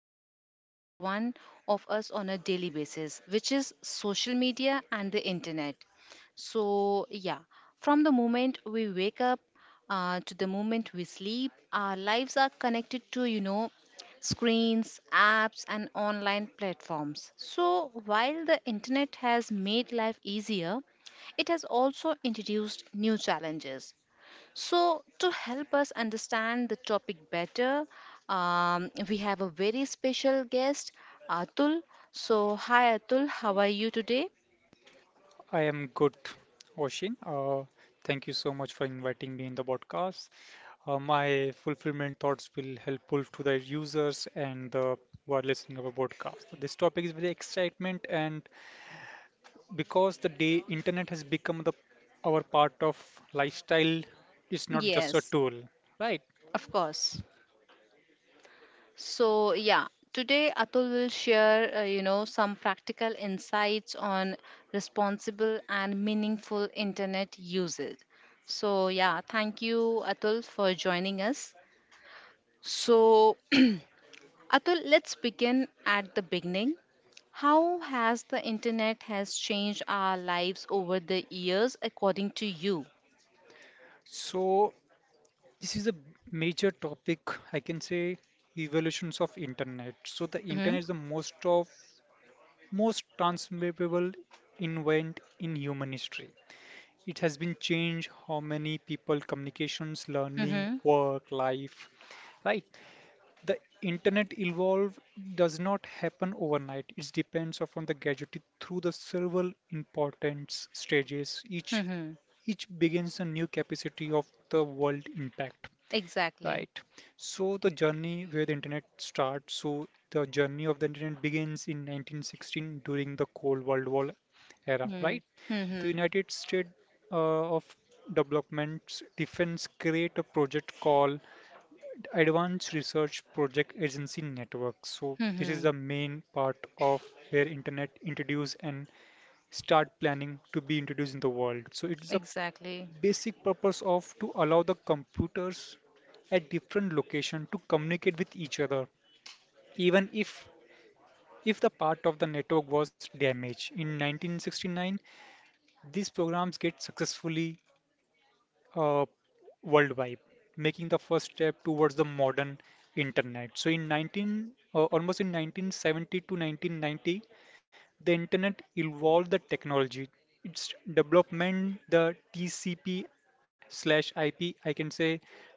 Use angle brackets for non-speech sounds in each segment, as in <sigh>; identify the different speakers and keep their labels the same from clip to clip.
Speaker 1: affects every one of us on a daily basis, which is social media and the internet. So, yeah, from the moment we wake up to the moment we sleep, our lives are connected to, you know, screens, apps, and online platforms. So, while the internet has made life easier, it has also introduced new challenges. So, to help us understand the topic better, we have a very special guest, Atul. So, hi Atul, how are you today?
Speaker 2: I am good, Oshin. Thank you so much for inviting me in the podcast. My fulfillment thoughts will helpful to the users and the who are listening our podcast. So this topic is very excitement, and because the day internet has become the our part of lifestyle, it's not just a
Speaker 1: Yes,
Speaker 2: tool, right?
Speaker 1: of course. So, yeah, today Atul will share, you know, some practical insights on responsible and meaningful internet usage. So, yeah, thank you, Atul, for joining us. So, <clears throat> Atul, let's begin at the beginning. How has the internet has changed our lives over the years, according to you?
Speaker 2: So this is a major topic. I can say evolutions of internet. So the
Speaker 1: Hmm.
Speaker 2: internet is the most transformable event in human history. It has been changed how many people communications, learning,
Speaker 1: Hmm.
Speaker 2: work, life, right? The internet evolve does not happen overnight. It depends upon the gadget through the several important stages. Each
Speaker 1: Hmm.
Speaker 2: each begins a new capacity of the world impact.
Speaker 1: Exactly.
Speaker 2: Right. So the journey where the internet starts. So the journey of the internet begins in 1916 during the Cold World War era,
Speaker 1: Hmm.
Speaker 2: right? The
Speaker 1: Hmm.
Speaker 2: United States uh, of Development's defense create a project called Advanced Research Project Agency Network. So this is
Speaker 1: Hmm.
Speaker 2: the main part of where internet introduced and start planning to be introduced in the world. So it's a
Speaker 1: Exactly.
Speaker 2: basic purpose of to allow the computers at different location to communicate with each other even if the part of the network was damaged in 1969, these programs get successfully uh, worldwide, making the first step towards the modern internet. So in 19 uh, almost in 1970 to 1990, the internet evolved the technology. Its development, the TCP slash IP, I can say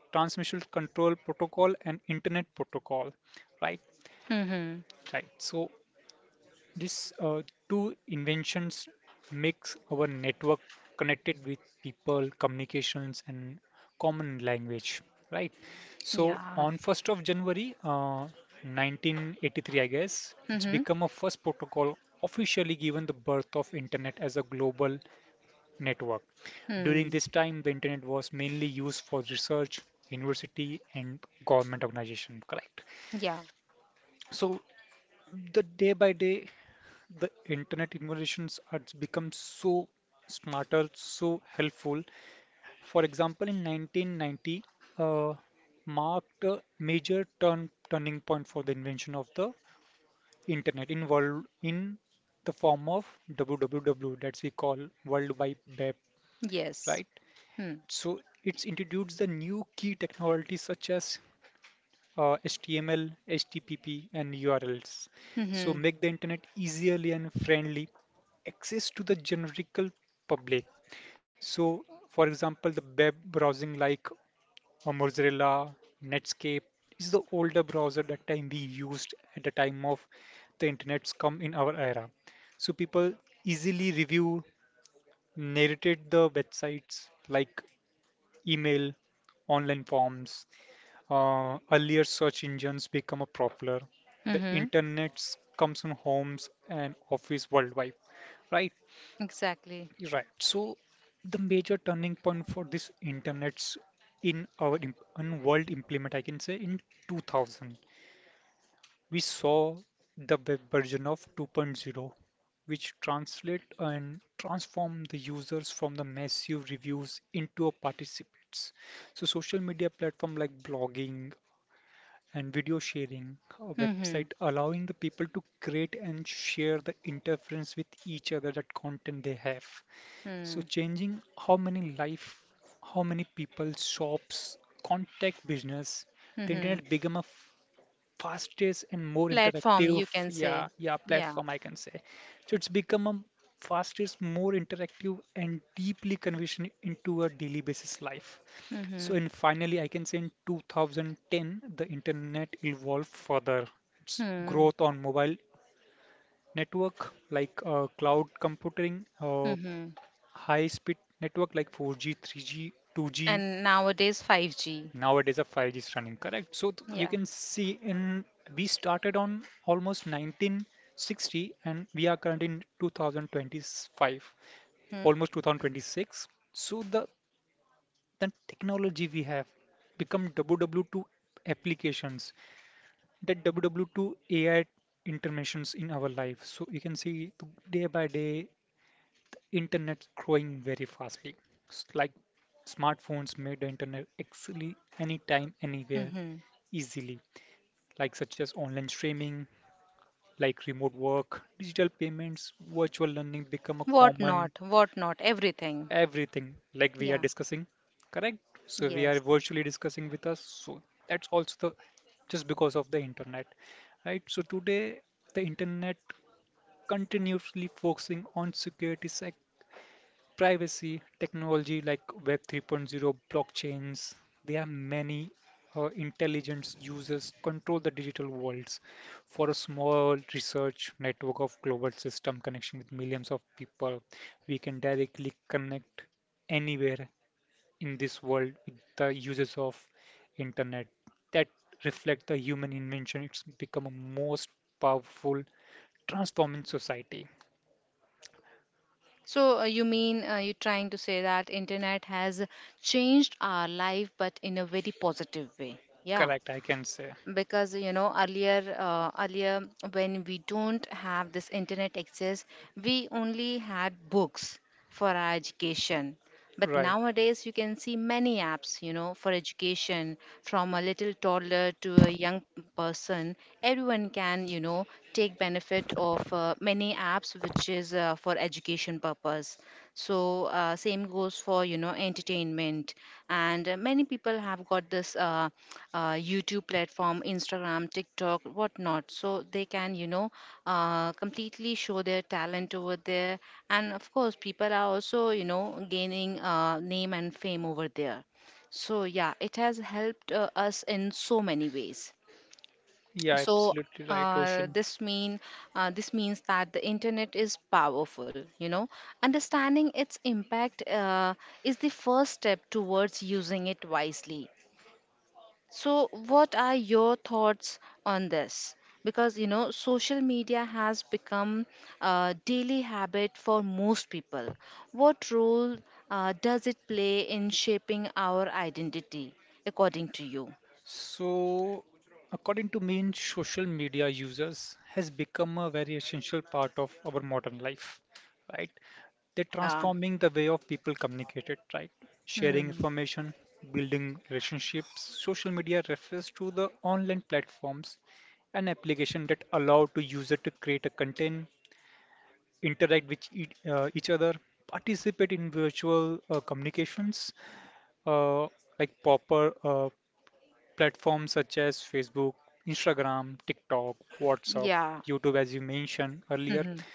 Speaker 2: transmission control protocol and internet protocol. Right?
Speaker 1: Mm-hmm.
Speaker 2: Right. So these two inventions makes our network connected with people, communications, and common language, right? So
Speaker 1: Yeah.
Speaker 2: on January 1st, 1983, I guess, it's
Speaker 1: Mm-hmm.
Speaker 2: become a first protocol officially given the birth of internet as a global network. During
Speaker 1: Mm.
Speaker 2: this time, the internet was mainly used for research, university, and government organization, correct?
Speaker 1: Yeah.
Speaker 2: So the day by day the internet innovations are become so smarter, so helpful. For example, in 1990, uh, marked a major turning point for the invention of the internet in world in the form of WWW that we call World Wide Web,
Speaker 1: Yes.
Speaker 2: right?
Speaker 1: Hmm.
Speaker 2: So it's introduced the new key technologies such as HTML, HTTP, and URLs.
Speaker 1: Mm-hmm.
Speaker 2: So
Speaker 1: Mm-hmm.
Speaker 2: make the internet easily and friendly access to the generical public. So, for example, the web browsing like Mozilla, Netscape is the older browser that time we used at the time of the internet's come in our era. So people easily review, narrated the websites like email, online forms, earlier search engines become a popular. The internet comes in homes and office worldwide. Right,
Speaker 1: Exactly.
Speaker 2: right. So the major turning point for this internet's in world implement, I can say, in 2000, we saw the web version of 2.0, which translate and transform the users from the massive reviews into a participants. So social media platform like blogging and video sharing a
Speaker 1: Mm-hmm.
Speaker 2: website allowing the people to create and share the interference with each other that content they have, so
Speaker 1: Mm.
Speaker 2: changing how many life, how many people shops, contact business, the
Speaker 1: Mm-hmm.
Speaker 2: internet become a fastest and more
Speaker 1: Platform, you
Speaker 2: interactive,
Speaker 1: can say.
Speaker 2: yeah, yeah,
Speaker 1: Yeah.
Speaker 2: platform I can say. So it's become a fastest, more interactive and deeply conversion into a daily basis life. So
Speaker 1: Mm-hmm.
Speaker 2: and finally I can say in 2010 the internet evolved further. Its
Speaker 1: Mm.
Speaker 2: growth on mobile network like cloud computing,
Speaker 1: Mm-hmm.
Speaker 2: high speed network like 4G, 3G, 2G,
Speaker 1: And nowadays 5G.
Speaker 2: nowadays a 5G is running, correct? So you
Speaker 1: Yeah.
Speaker 2: can see in we started on almost 1960 and we are currently in 2025,
Speaker 1: Hmm.
Speaker 2: almost 2026. So the technology we have become WW2 applications, that WW2 AI interventions in our life. So you can see day by day internet's growing very fastly. Like smartphones made the internet actually anytime, anywhere,
Speaker 1: Mm-hmm.
Speaker 2: easily. Like such as online streaming, like remote work, digital payments, virtual learning become a
Speaker 1: What
Speaker 2: common
Speaker 1: not? What not? Everything.
Speaker 2: everything. Like we are
Speaker 1: Yeah.
Speaker 2: discussing, correct? So we are
Speaker 1: Yes.
Speaker 2: virtually discussing with us. So that's also the just because of the internet, right? So today the internet continuously focusing on security, sec. Privacy, technology like Web 3.0, blockchains. There are many intelligence users control the digital worlds for a small research network of global system connection with millions of people. We can directly connect anywhere in this world with the uses of internet that reflect the human invention. It's become a most powerful transforming society.
Speaker 1: So you mean you're trying to say that internet has changed our life, but in a very positive way. Yeah.
Speaker 2: Correct, I can say.
Speaker 1: Because you know earlier when we don't have this internet access, we only had books for our education, but
Speaker 2: Right.
Speaker 1: nowadays you can see many apps, you know, for education, from a little toddler to a young person. Everyone can, you know, take benefit of many apps which is for education purpose. So same goes for, you know, entertainment, and many people have got this YouTube platform, Instagram, TikTok, whatnot, so they can, you know, completely show their talent over there. And of course people are also, you know, gaining name and fame over there. So yeah, it has helped us in so many ways.
Speaker 2: Yeah,
Speaker 1: So
Speaker 2: absolutely right,
Speaker 1: uh,
Speaker 2: Roshan.
Speaker 1: this mean this means that the internet is powerful, you know. Understanding its impact is the first step towards using it wisely. So what are your thoughts on this? Because you know social media has become a daily habit for most people. What role does it play in shaping our identity, according to you?
Speaker 2: So, according to me, in social media users has become a very essential part of our modern life, right? They're
Speaker 1: Yeah.
Speaker 2: transforming the way of people communicated, right? Sharing
Speaker 1: Hmm.
Speaker 2: information, building relationships. Social media refers to the online platforms and application that allow to user to create a content, interact with each other, participate in virtual communications, uh, like proper platforms such as Facebook, Instagram, TikTok, WhatsApp,
Speaker 1: Yeah.
Speaker 2: YouTube, as you mentioned earlier,
Speaker 1: Hmm.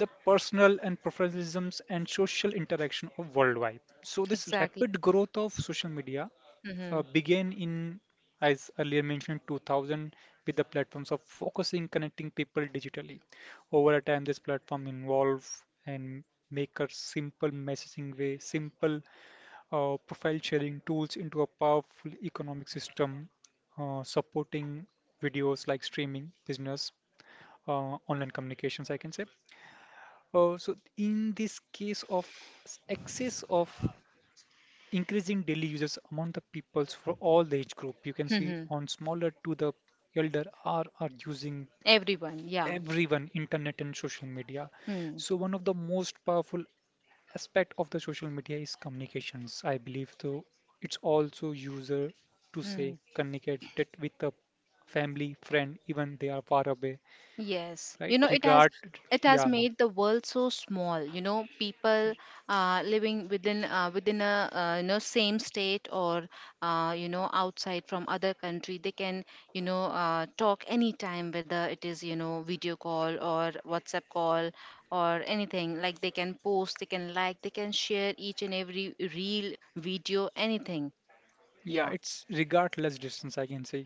Speaker 2: the personal and professionalisms and social interaction of worldwide. So this
Speaker 1: Exactly.
Speaker 2: rapid growth of social media
Speaker 1: Mm-hmm.
Speaker 2: began in, as earlier mentioned, 2000 with the platforms of focusing connecting people digitally. Over a time, this platform involve and make a simple messaging way, simple profile sharing tools into a powerful economic system supporting videos like streaming business, online communications I can say. So in this case of excess of increasing daily users among the peoples for all the age group you can see
Speaker 1: Mm-hmm.
Speaker 2: on smaller to the elder are using
Speaker 1: Everyone, yeah.
Speaker 2: everyone internet and social media,
Speaker 1: Hmm.
Speaker 2: so one of the most powerful aspect of the social media is communications. I believe though it's also user to say
Speaker 1: Hmm.
Speaker 2: communicate it with a family, friend, even they are far away,
Speaker 1: Yes,
Speaker 2: right?
Speaker 1: you know, it has, it has
Speaker 2: Yeah,
Speaker 1: made the world so small. You know, people living within a, you know, same state or, you know, outside from other country, they can, you know, talk anytime, whether it is, you know, video call or WhatsApp call or anything. Like they can post, they can like, they can share each and every reel, video, anything.
Speaker 2: yeah,
Speaker 1: Yeah.
Speaker 2: it's regardless distance. I can say,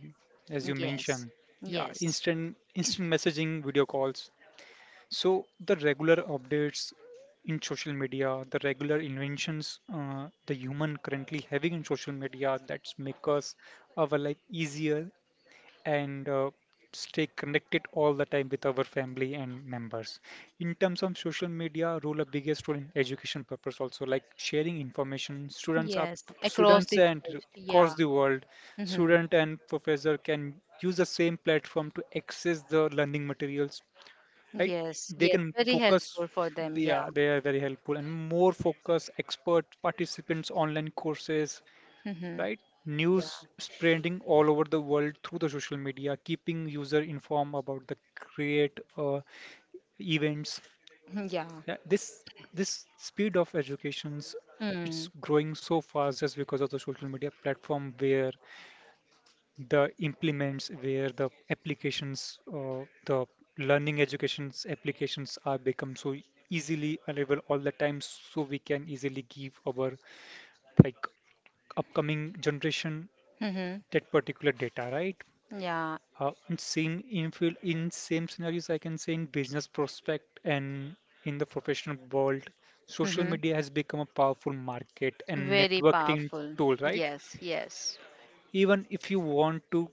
Speaker 2: as you
Speaker 1: Yes,
Speaker 2: mentioned, yeah,
Speaker 1: yes,
Speaker 2: instant messaging, video calls. So the regular updates in social media, the regular inventions, the human currently having in social media that's make us our life easier and stay connected all the time with our family and members. In terms of social media, role a biggest role in education purpose also like sharing information. Students up,
Speaker 1: yes, across
Speaker 2: students
Speaker 1: the
Speaker 2: and
Speaker 1: world.
Speaker 2: across
Speaker 1: Yeah.
Speaker 2: the world,
Speaker 1: Mm-hmm.
Speaker 2: student and professor can use the same platform to access the learning materials, right?
Speaker 1: Yes,
Speaker 2: They
Speaker 1: yes,
Speaker 2: can
Speaker 1: very
Speaker 2: focus,
Speaker 1: helpful for them. Yeah.
Speaker 2: yeah, they are very helpful and more focus expert participants online courses,
Speaker 1: Mm-hmm.
Speaker 2: right?
Speaker 1: Yeah.
Speaker 2: News
Speaker 1: <laughs>
Speaker 2: spreading all over the world through the social media, keeping user informed about the great events.
Speaker 1: Yeah.
Speaker 2: Yeah, this speed of educations,
Speaker 1: Mm.
Speaker 2: it's growing so fast just because of the social media platform where the implements, where the applications, the learning educations applications are become so easily available all the time, so we can easily give our like upcoming generation
Speaker 1: Mm-hmm.
Speaker 2: that particular data, right?
Speaker 1: Yeah.
Speaker 2: In same scenarios I can say in business prospect and in the professional world, social
Speaker 1: Mm-hmm.
Speaker 2: media has become a powerful market and
Speaker 1: Very
Speaker 2: networking
Speaker 1: powerful.
Speaker 2: tool, right?
Speaker 1: Yes, yes.
Speaker 2: Even if you want to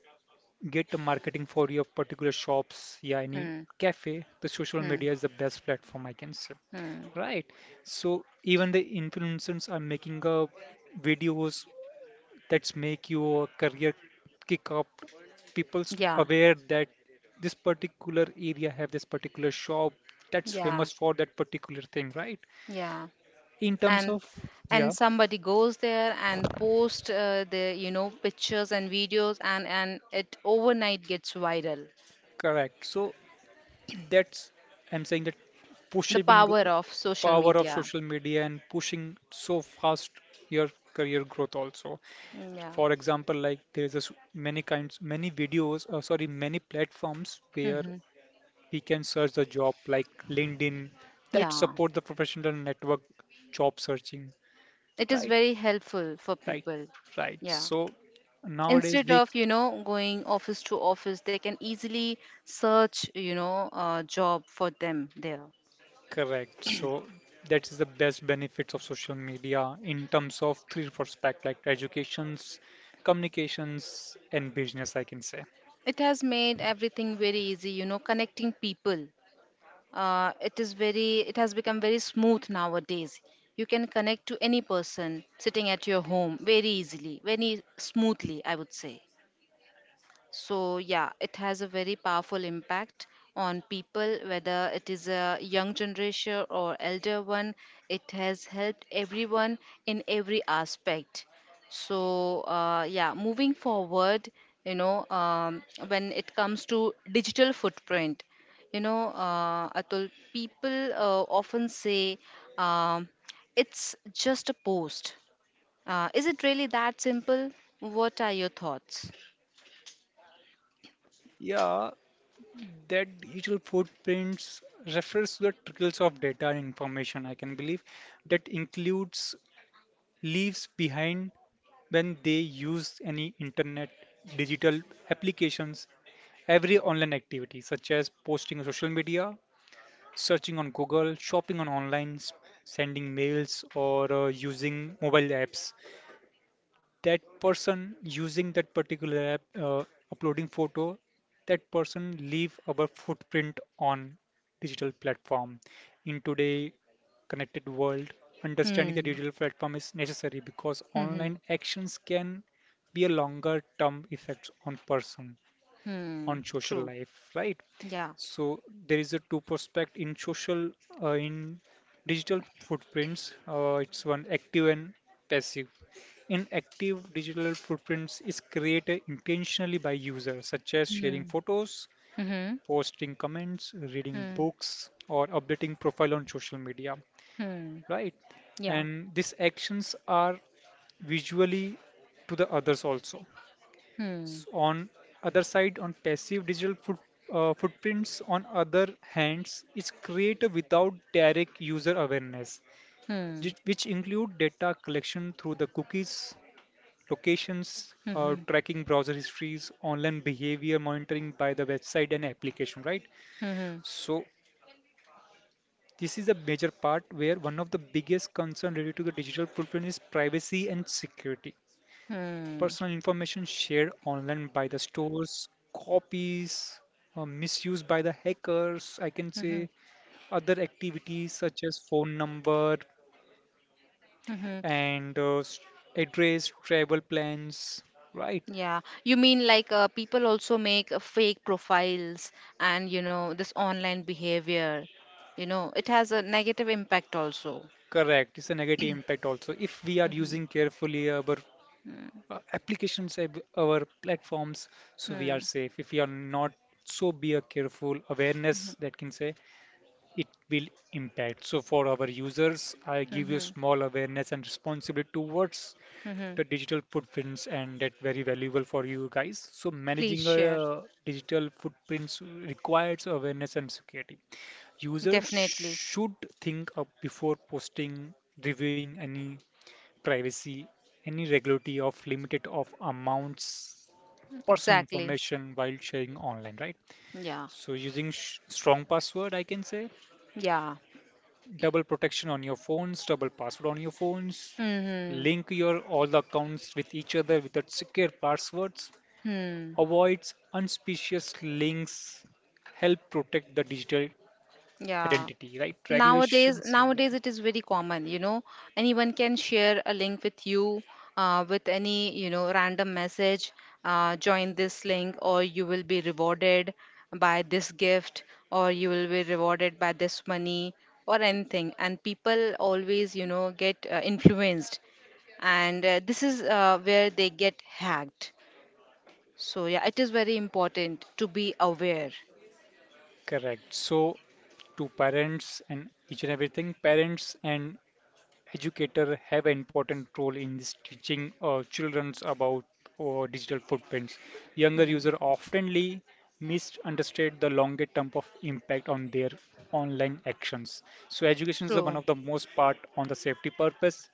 Speaker 2: get the marketing for your particular shops, yeah, any
Speaker 1: Hmm.
Speaker 2: cafe, the social
Speaker 1: Hmm.
Speaker 2: media is the best platform I can say.
Speaker 1: Hmm.
Speaker 2: Right. So even the influencers are making videos that's make your career kick up, people's
Speaker 1: Yeah.
Speaker 2: aware that this particular area have this particular shop that's
Speaker 1: Yeah.
Speaker 2: famous for that particular thing, right?
Speaker 1: Yeah.
Speaker 2: In terms
Speaker 1: And
Speaker 2: of, yeah,
Speaker 1: somebody goes there and post the, you know, pictures and videos, and it overnight gets viral.
Speaker 2: correct, so that's, I'm saying that
Speaker 1: The
Speaker 2: pushing
Speaker 1: power of social
Speaker 2: power of
Speaker 1: media.
Speaker 2: social media and pushing so fast your career growth also,
Speaker 1: Yeah.
Speaker 2: for example, like there's a s many kinds, many videos, sorry, many platforms where
Speaker 1: Hmm.
Speaker 2: we can search the job like LinkedIn that
Speaker 1: Yeah,
Speaker 2: support the professional network job searching.
Speaker 1: it is
Speaker 2: Right,
Speaker 1: very helpful for
Speaker 2: right,
Speaker 1: people.
Speaker 2: right.
Speaker 1: Yeah.
Speaker 2: So nowadays
Speaker 1: Instead
Speaker 2: we,
Speaker 1: of, you know, going office to office, they can easily search, you know, a job for them there.
Speaker 2: correct. So that is the best benefits of social media in terms of three respect like educations, communications, and business. I can say.
Speaker 1: It has made everything very easy, you know, connecting people. It has become very smooth nowadays. You can connect to any person sitting at your home very easily, very smoothly, I would say. So, yeah, it has a very powerful impact on people, whether it is a young generation or elder one. It has helped everyone in every aspect. So, yeah, moving forward, you know, when it comes to digital footprint, you know, Atul, people often say, um, it's just a post. Is it really that simple? What are your thoughts?
Speaker 2: Yeah, that digital footprints refers to the trickles of data and information, I can believe, that includes leaves behind when they use any internet digital applications, every online activity such as posting on social media, searching on Google, shopping on online, sending mails or using mobile apps, that person using that particular app, uploading photo, that person leave our footprint on digital platform. In today connected world, understanding the
Speaker 1: Hmm.
Speaker 2: digital platform is necessary because
Speaker 1: Hmm. Hmm.
Speaker 2: online actions can be a longer term effect on person
Speaker 1: Hmm.
Speaker 2: on social
Speaker 1: True.
Speaker 2: life, right?
Speaker 1: Yeah.
Speaker 2: So there is a two prospect in social in digital footprints. It's one active and passive. In active digital footprints is created intentionally by users, such as sharing
Speaker 1: Hmm.
Speaker 2: photos,
Speaker 1: Hmm.
Speaker 2: posting comments, reading
Speaker 1: Hmm.
Speaker 2: books, or updating profile on social media,
Speaker 1: Hmm.
Speaker 2: right?
Speaker 1: Yeah.
Speaker 2: And these actions are visually to the others also.
Speaker 1: Hmm.
Speaker 2: On other side, on passive digital footprints on other hands, is created without direct user awareness,
Speaker 1: Hmm.
Speaker 2: which include data collection through the cookies, locations,
Speaker 1: Hmm.
Speaker 2: tracking browser histories, online behavior monitoring by the website and application, right?
Speaker 1: Hmm. Hmm.
Speaker 2: So this is a major part where one of the biggest concern related to the digital footprint is privacy and security. Personal information shared online by the stores, copies, misused by the hackers, I can
Speaker 1: Hmm.
Speaker 2: say. Other activities such as phone number
Speaker 1: Hmm.
Speaker 2: and address, travel plans, right?
Speaker 1: Yeah. You mean like people also make fake profiles, and you know, this online behavior, you know, it has a negative impact also.
Speaker 2: Correct. It's a negative impact also. If we are using carefully our
Speaker 1: Hmm.
Speaker 2: applications, our platforms, so we are
Speaker 1: Hmm.
Speaker 2: safe. If we are not, so be a careful awareness that can say it will impact. So for our users, I give you
Speaker 1: Hmm.
Speaker 2: small awareness and responsibility towards
Speaker 1: Hmm.
Speaker 2: the digital footprints, and that very valuable for you guys. So
Speaker 1: Please
Speaker 2: managing
Speaker 1: share.
Speaker 2: a digital footprints requires awareness and security. Users
Speaker 1: Definitely.
Speaker 2: should think up before posting, reviewing any privacy, any regularity of limited of amounts personal
Speaker 1: Exactly.
Speaker 2: information while sharing online, right?
Speaker 1: Yeah.
Speaker 2: So using strong password, I can say,
Speaker 1: Yeah.
Speaker 2: double protection on your phones, double password on your phones,
Speaker 1: Hmm.
Speaker 2: link your all the accounts with each other without secure passwords,
Speaker 1: Hmm.
Speaker 2: avoids unsuspicious links, help protect the digital
Speaker 1: Yeah.
Speaker 2: identity, right?
Speaker 1: nowadays
Speaker 2: Regulations, yeah,
Speaker 1: nowadays it is very common, you know. Anyone can share a link with you with any, you know, random message, join this link or you will be rewarded by this gift, or you will be rewarded by this money or anything, and people always, you know, get influenced, and this is where they get hacked. So yeah, it is very important to be aware.
Speaker 2: correct. So, to parents and each and everything, parents and educators have an important role in this teaching children about digital footprints. Younger
Speaker 1: Mhm.
Speaker 2: users oftenly misunderstand the longer term of impact on their online actions. So education is one
Speaker 1: True.
Speaker 2: of the most part on the safety purpose.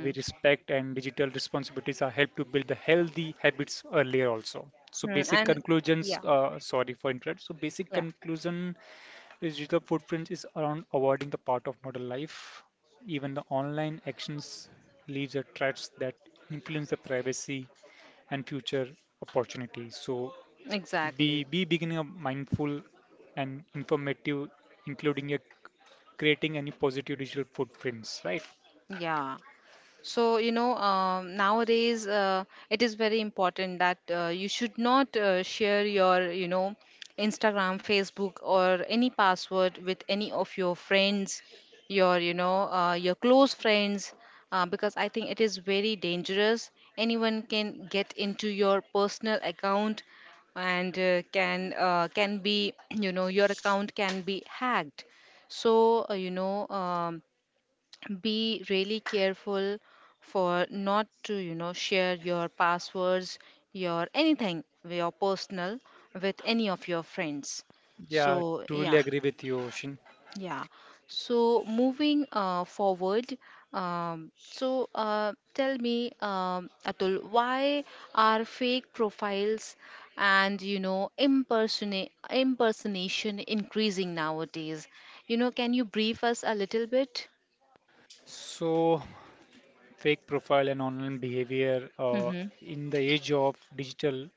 Speaker 2: We respect and digital responsibilities are help to build the healthy habits earlier also. So
Speaker 1: Mm,
Speaker 2: basic
Speaker 1: and
Speaker 2: conclusions,
Speaker 1: yeah,
Speaker 2: sorry for interrupt. So basic
Speaker 1: yeah.
Speaker 2: conclusion. Digital footprint is around avoiding the part of modern life. Even the online actions leaves a threats that influence the privacy and future opportunities. So be
Speaker 1: Exactly.
Speaker 2: be beginning a mindful and informative, including a creating any positive digital footprints, right?
Speaker 1: Yeah. So, you know, nowadays it is very important that you should not share your, you know, Instagram, Facebook, or any password with any of your friends, your, you know, your close friends, because I think it is very dangerous. Anyone can get into your personal account, and can be, <clears throat> you know, your account can be hacked. So you know, be really careful for not to, you know, share your passwords, your anything, your personal, with any of your friends.
Speaker 2: Yeah,
Speaker 1: So
Speaker 2: truly
Speaker 1: yeah.
Speaker 2: agree with you, Ocean.
Speaker 1: Yeah. So moving forward, tell me, Atul, why are fake profiles and, you know, impersonate impersonation increasing nowadays? You know, can you brief us a little bit?
Speaker 2: So, fake profile and online behavior,
Speaker 1: Mm-hmm.
Speaker 2: in the age of digital.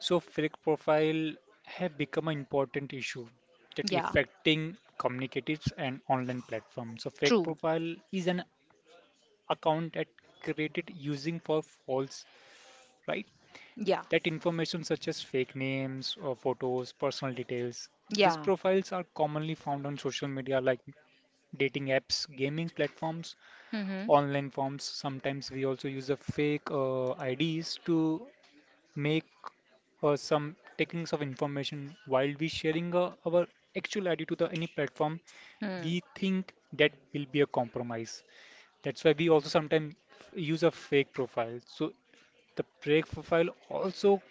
Speaker 2: So fake profile have become an important issue that
Speaker 1: Yeah.
Speaker 2: affecting communicators and online platforms. So fake
Speaker 1: True.
Speaker 2: profile is an account that created using for false, right?
Speaker 1: Yeah.
Speaker 2: That information such as fake names or photos, personal details. These
Speaker 1: Yeah.
Speaker 2: profiles are commonly found on social media like dating apps, gaming platforms,
Speaker 1: Mm-hmm.
Speaker 2: online forms. Sometimes we also use a fake IDs to make some takings of information while we sharing our actual ID to the any platform,
Speaker 1: Mm.
Speaker 2: we think that will be a compromise. That's why we also sometimes use a fake profile. So the fake profile also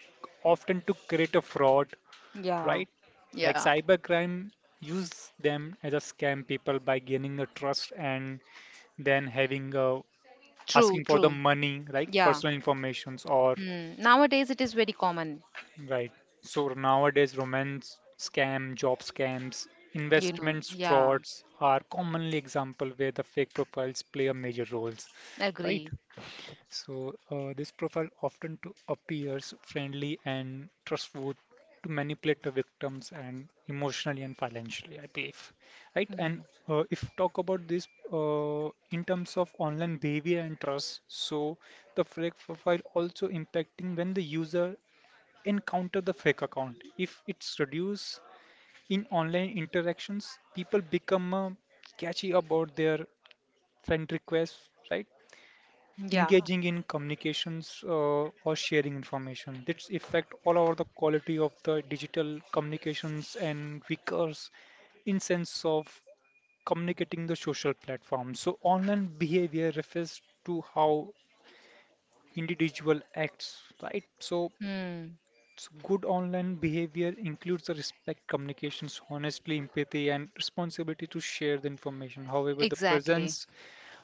Speaker 2: often to create a fraud,
Speaker 1: Yeah.
Speaker 2: right? Like
Speaker 1: Yeah.
Speaker 2: cybercrime use them as a scam people by gaining the trust and then having,
Speaker 1: True.
Speaker 2: asking for the
Speaker 1: True.
Speaker 2: money, like
Speaker 1: Yeah.
Speaker 2: personal informations or
Speaker 1: Mm. Nowadays it is very common.
Speaker 2: right. So nowadays, romance scam, job scams,
Speaker 1: You know.
Speaker 2: investments
Speaker 1: Yeah.
Speaker 2: frauds are commonly example where the fake profiles play a major roles. Right.
Speaker 1: Agree.
Speaker 2: So, this profile often to appears friendly and trustworthy to manipulate the victims and emotionally and financially, I believe. Right. And
Speaker 1: Mm.
Speaker 2: if talk about this in terms of online behavior and trust, so the fake profile also impacting when the user encounter the fake account. If it's reduced in online interactions, people become catchy about their friend requests, right?
Speaker 1: Yeah.
Speaker 2: Engaging in communications or sharing information. This affect all over the quality of the digital communications and recurs in sense of communicating the social platform. So online behavior refers to how individual acts, right? So
Speaker 1: Mm.
Speaker 2: So good online behavior includes the respect, communications, honestly, empathy, and responsibility to share the information. However, the
Speaker 1: Exactly.
Speaker 2: presence,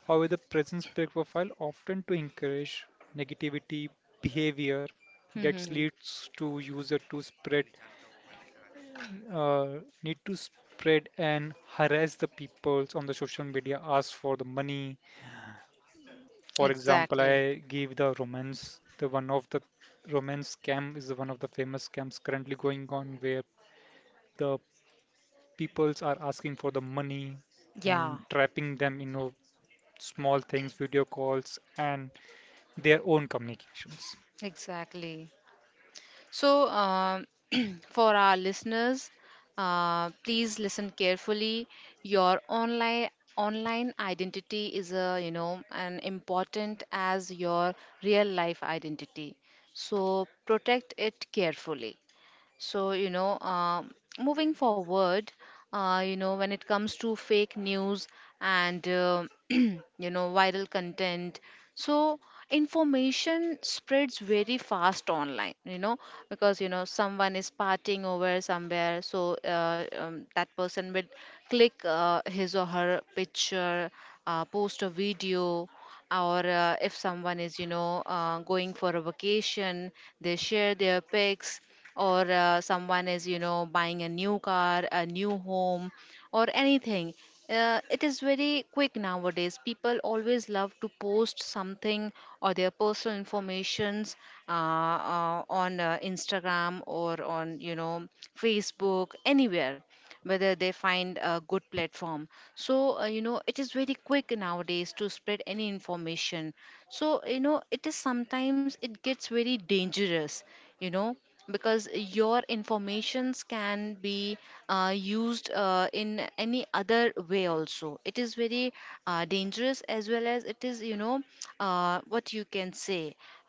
Speaker 2: however, the presence profile often to encourage negativity behavior that
Speaker 1: Mm-hmm.
Speaker 2: leads to user to spread, uh, need to spread and harass the peoples on the social media, ask for the money. For example,
Speaker 1: Exactly.
Speaker 2: I give the romance, the one of the romance scam is one of the famous scams currently going on where the peoples are asking for the money
Speaker 1: Yeah.
Speaker 2: and trapping them in, small things, video calls, and their own communications.
Speaker 1: Exactly. So, <clears throat> for our listeners, please listen carefully. Your online identity is a, you know, an important as your real life identity. So protect it carefully. So, you know, moving forward, you know, when it comes to fake news and, <clears throat> you know, viral content, so information spreads very fast online, you know, because, you know, someone is partying over somewhere, so that person will click his or her picture, post a video. Or if someone is, you know, going for a vacation, they share their pics, or someone is, you know, buying a new car, a new home or anything, it is very quick nowadays. People always love to post something, or their personal informations uh, on Instagram or on, you know, Facebook, anywhere, whether they find a good platform. So you know, it is very quick nowadays to spread any information. So you know, it is sometimes it gets very dangerous, you know, because your informations can be used in any other way also. It is very dangerous, as well as it is, you know, what you can say.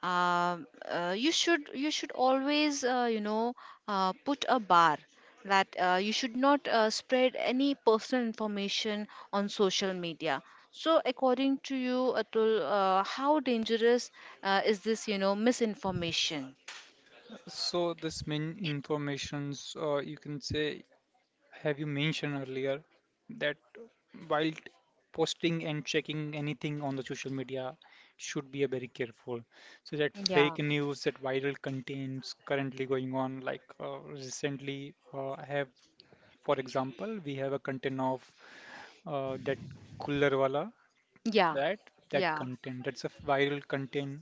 Speaker 1: Um you should always, you know, put a bar, that you should not spread any personal information on social media. So according to you, Atul, how dangerous is this, you know, misinformation?
Speaker 2: So this main informations, you can say, have you mentioned earlier that while posting and checking anything on the social media should be a very careful. So that fake
Speaker 1: Yeah.
Speaker 2: news, that viral contents currently going on, like recently, I have, for example, we have a content of that kullarwala,
Speaker 1: Yeah.
Speaker 2: right? That
Speaker 1: Yeah.
Speaker 2: content, that's a viral content,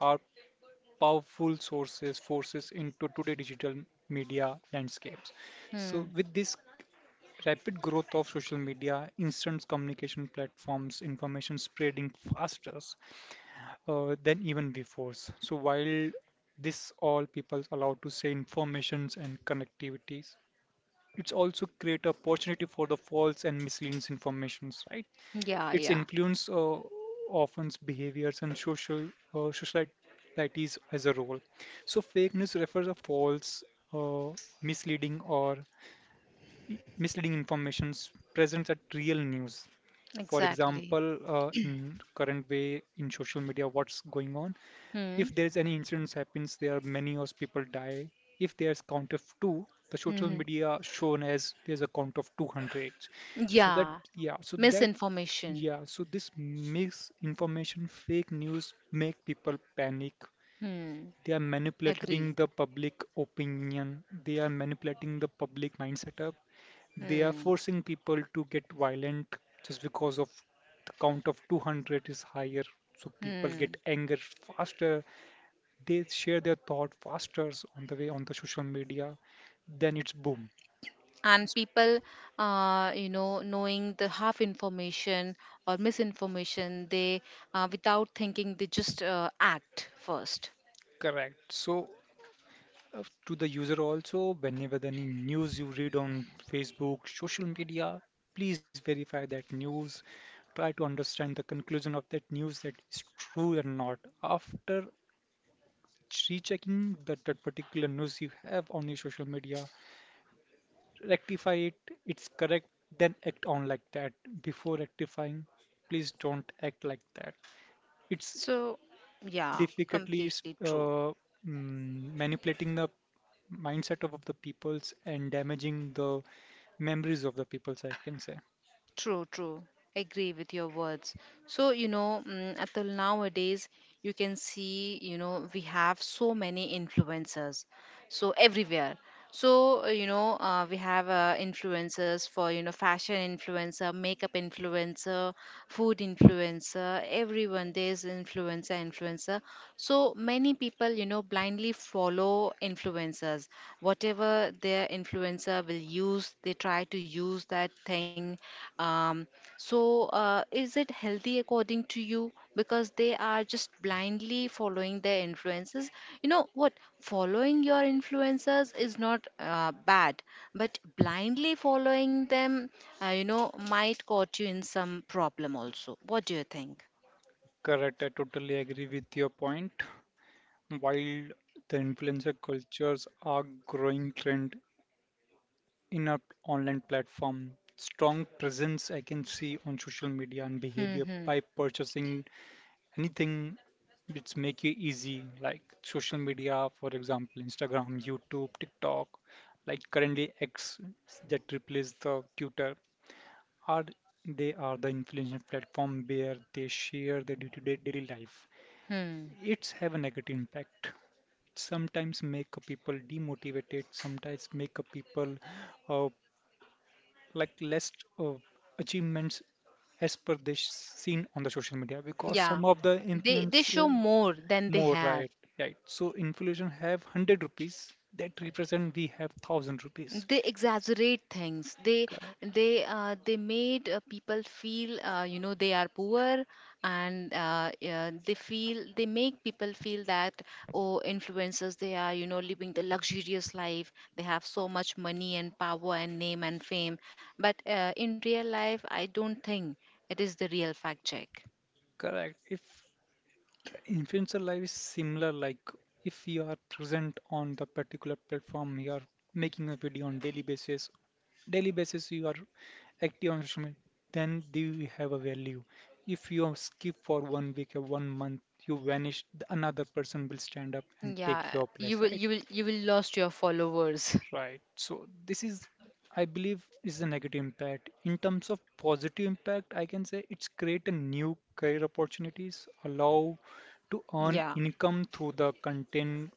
Speaker 2: are powerful sources, forces into today digital media landscapes. So
Speaker 1: Hmm.
Speaker 2: with this rapid growth of social media, instant communication platforms, information spreading faster than even before. So while this all people's allowed to say informations and connectivities, it's also create opportunity for the false and misleading informations, right?
Speaker 1: Yeah.
Speaker 2: Its
Speaker 1: Yeah.
Speaker 2: influence often behaviors and social societies as a role. So fake news refers to false, uh, misleading or misleading informations present at real news. For
Speaker 1: Exactly.
Speaker 2: example, in current way in social media, what's going on? If
Speaker 1: Hmm.
Speaker 2: there's any incidents happens, there are many of people die. If there's count of two, the social
Speaker 1: Hmm.
Speaker 2: media shown as there's a count of 200. So that,
Speaker 1: Yeah.
Speaker 2: yeah, so that,
Speaker 1: Misinformation.
Speaker 2: yeah, so this misinformation, fake news make people panic.
Speaker 1: Hmm.
Speaker 2: They are manipulating
Speaker 1: Agree.
Speaker 2: the public opinion. They are manipulating the public mind setup. They are
Speaker 1: Hmm.
Speaker 2: forcing people to get violent just because of the count of 200 is higher, so people
Speaker 1: Hmm.
Speaker 2: get anger faster, they share their thought faster on the way on the social media, then it's boom.
Speaker 1: And people, you know, knowing the half information or misinformation, they, without thinking, they just act first.
Speaker 2: Correct. So, to the user also, whenever the any news you read on Facebook, social media, please verify that news. Try to understand the conclusion of that news, that is true or not. After rechecking that, particular news you have on your social media, rectify it, it's correct, then act on like that. Before rectifying, please don't act like that. It's
Speaker 1: So, yeah,
Speaker 2: difficultly is,
Speaker 1: completely true.
Speaker 2: manipulating the mindset of the peoples and damaging the memories of the peoples, I can say.
Speaker 1: True, true. Agree with your words. So, you know, mm, until nowadays, you can see, you know, we have so many influencers. So, everywhere. So, you know, we have influencers for, you know, fashion influencer, makeup influencer, food influencer, everyone. There's influencer, influencer. So many people, you know, blindly follow influencers. Whatever their influencer will use, they try to use that thing. Um, is it healthy, according to you? Because they are just blindly following their influences. You know what? Following your influencers is not bad, but blindly following them, you know, might cause you in some problem also. What do you think?
Speaker 2: Correct, I totally agree with your point. While the influencer cultures are growing trend in our online platform, strong presence I can see on social media and
Speaker 1: Hmm.
Speaker 2: behavior
Speaker 1: Hmm.
Speaker 2: by purchasing anything, which make you easy, like social media, for example, Instagram, YouTube, TikTok, like currently X, that replaces the tutor, are they are the influencer platform where they share their day-to-day daily life.
Speaker 1: Hmm.
Speaker 2: It's have a negative impact, sometimes make a people demotivated, sometimes make a people uh, like less uh, achievements as per they seen on the social media because
Speaker 1: Yeah,
Speaker 2: some of the
Speaker 1: they
Speaker 2: influence
Speaker 1: show more than they
Speaker 2: more,
Speaker 1: have.
Speaker 2: right, right. So inflation have 100 rupees that represent we have 1,000 rupees.
Speaker 1: They exaggerate things. They
Speaker 2: Correct.
Speaker 1: they uh, they made people feel, you know, they are poor, and they feel, they make people feel that, oh, influencers, they are, you know, living the luxurious life. They have so much money and power and name and fame. But in real life, I don't think it is the real fact check.
Speaker 2: Correct. If the influencer life is similar, like if you are present on the particular platform, you are making a video on daily basis you are active on social media, then do you have a value? If you skip for one week or one month, you vanish, the another person will stand up and take
Speaker 1: Yeah,
Speaker 2: your place, right?
Speaker 1: you will lost your followers. <laughs>
Speaker 2: Right. So this is, I believe, is the negative impact. In terms of positive impact, I can say it's create a new career opportunities, allow to earn
Speaker 1: Yeah.
Speaker 2: income through the content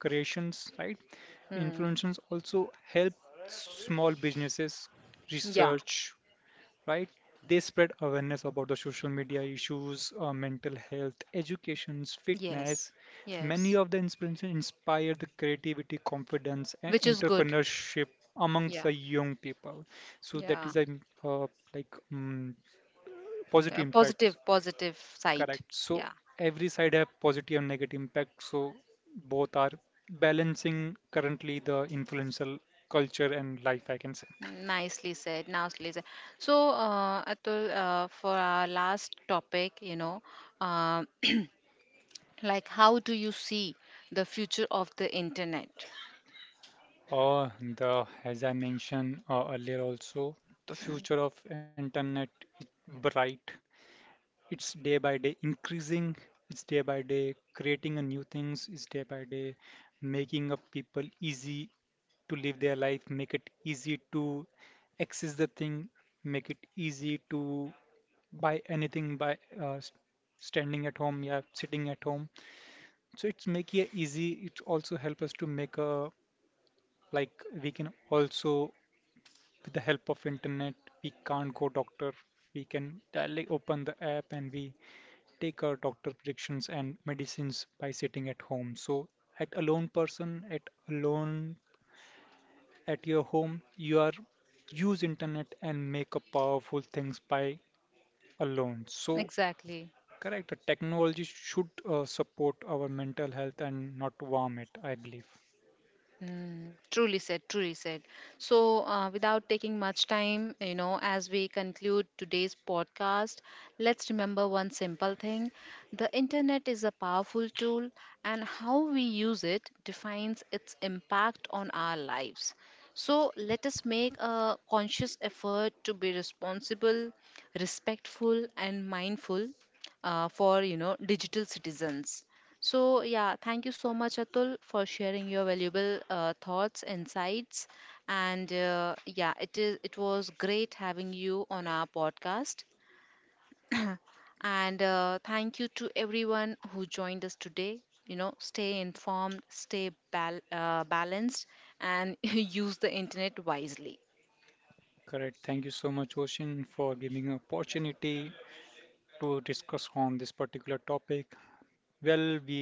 Speaker 2: creations, right?
Speaker 1: Hmm.
Speaker 2: Influencers also help small businesses
Speaker 1: Yeah.
Speaker 2: research, right? They spread awareness about the social media issues, mental health, educations, fitness.
Speaker 1: Yes.
Speaker 2: Many
Speaker 1: Yes.
Speaker 2: of the inspirations inspire the creativity, confidence, and
Speaker 1: Which is good.
Speaker 2: entrepreneurship amongst
Speaker 1: Yeah.
Speaker 2: the young people. So that
Speaker 1: Yeah.
Speaker 2: is a, uh, like positive impact,
Speaker 1: Positive, positive side.
Speaker 2: correct? So
Speaker 1: Yeah.
Speaker 2: every side have positive and negative impact. So both are balancing currently the influential culture and life, I can say.
Speaker 1: Nicely said. Nicely said. So, Atul, for our last topic, you know, uh, <clears throat> like how do you see the future of the internet?
Speaker 2: Or the, as I mentioned earlier also, the
Speaker 1: Mm.
Speaker 2: future of internet is bright. It's day by day increasing. It's day by day creating a new things. It's day by day making up people easy to live their life, make it easy to access the thing, make it easy to buy anything by standing at home, yeah, sitting at home. So it's making it easy. It also help us to make a, like, we can also, with the help of internet, we can't go doctor, we can directly open the app and we take our doctor predictions and medicines by sitting at home. So at alone person at alone at your home, you are use internet and make up powerful things by alone. So
Speaker 1: Exactly.
Speaker 2: correct, the technology should support our mental health and not harm it, I believe.
Speaker 1: Mm, truly said, truly said. So, without taking much time, you know, as we conclude today's podcast, let's remember one simple thing: the internet is a powerful tool, and how we use it defines its impact on our lives. So, let us make a conscious effort to be responsible, respectful, and mindful for, you know, digital citizens. So, yeah, thank you so much, Atul, for sharing your valuable thoughts, insights, and yeah, it was great having you on our podcast. And thank you to everyone who joined us today. You know, stay informed, stay balanced, and <laughs> use the internet wisely.
Speaker 2: Correct. Thank you so much, Ocean, for giving an opportunity to discuss on this particular topic. Well, we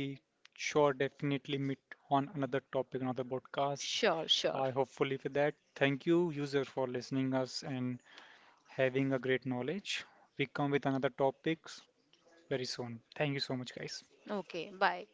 Speaker 2: sure definitely meet on another topic, another podcast.
Speaker 1: Sure, sure.
Speaker 2: I hopefully for that. Thank you, user, for listening us and having a great knowledge. We come with another topics very soon. Thank you so much, guys.
Speaker 1: Okay, bye.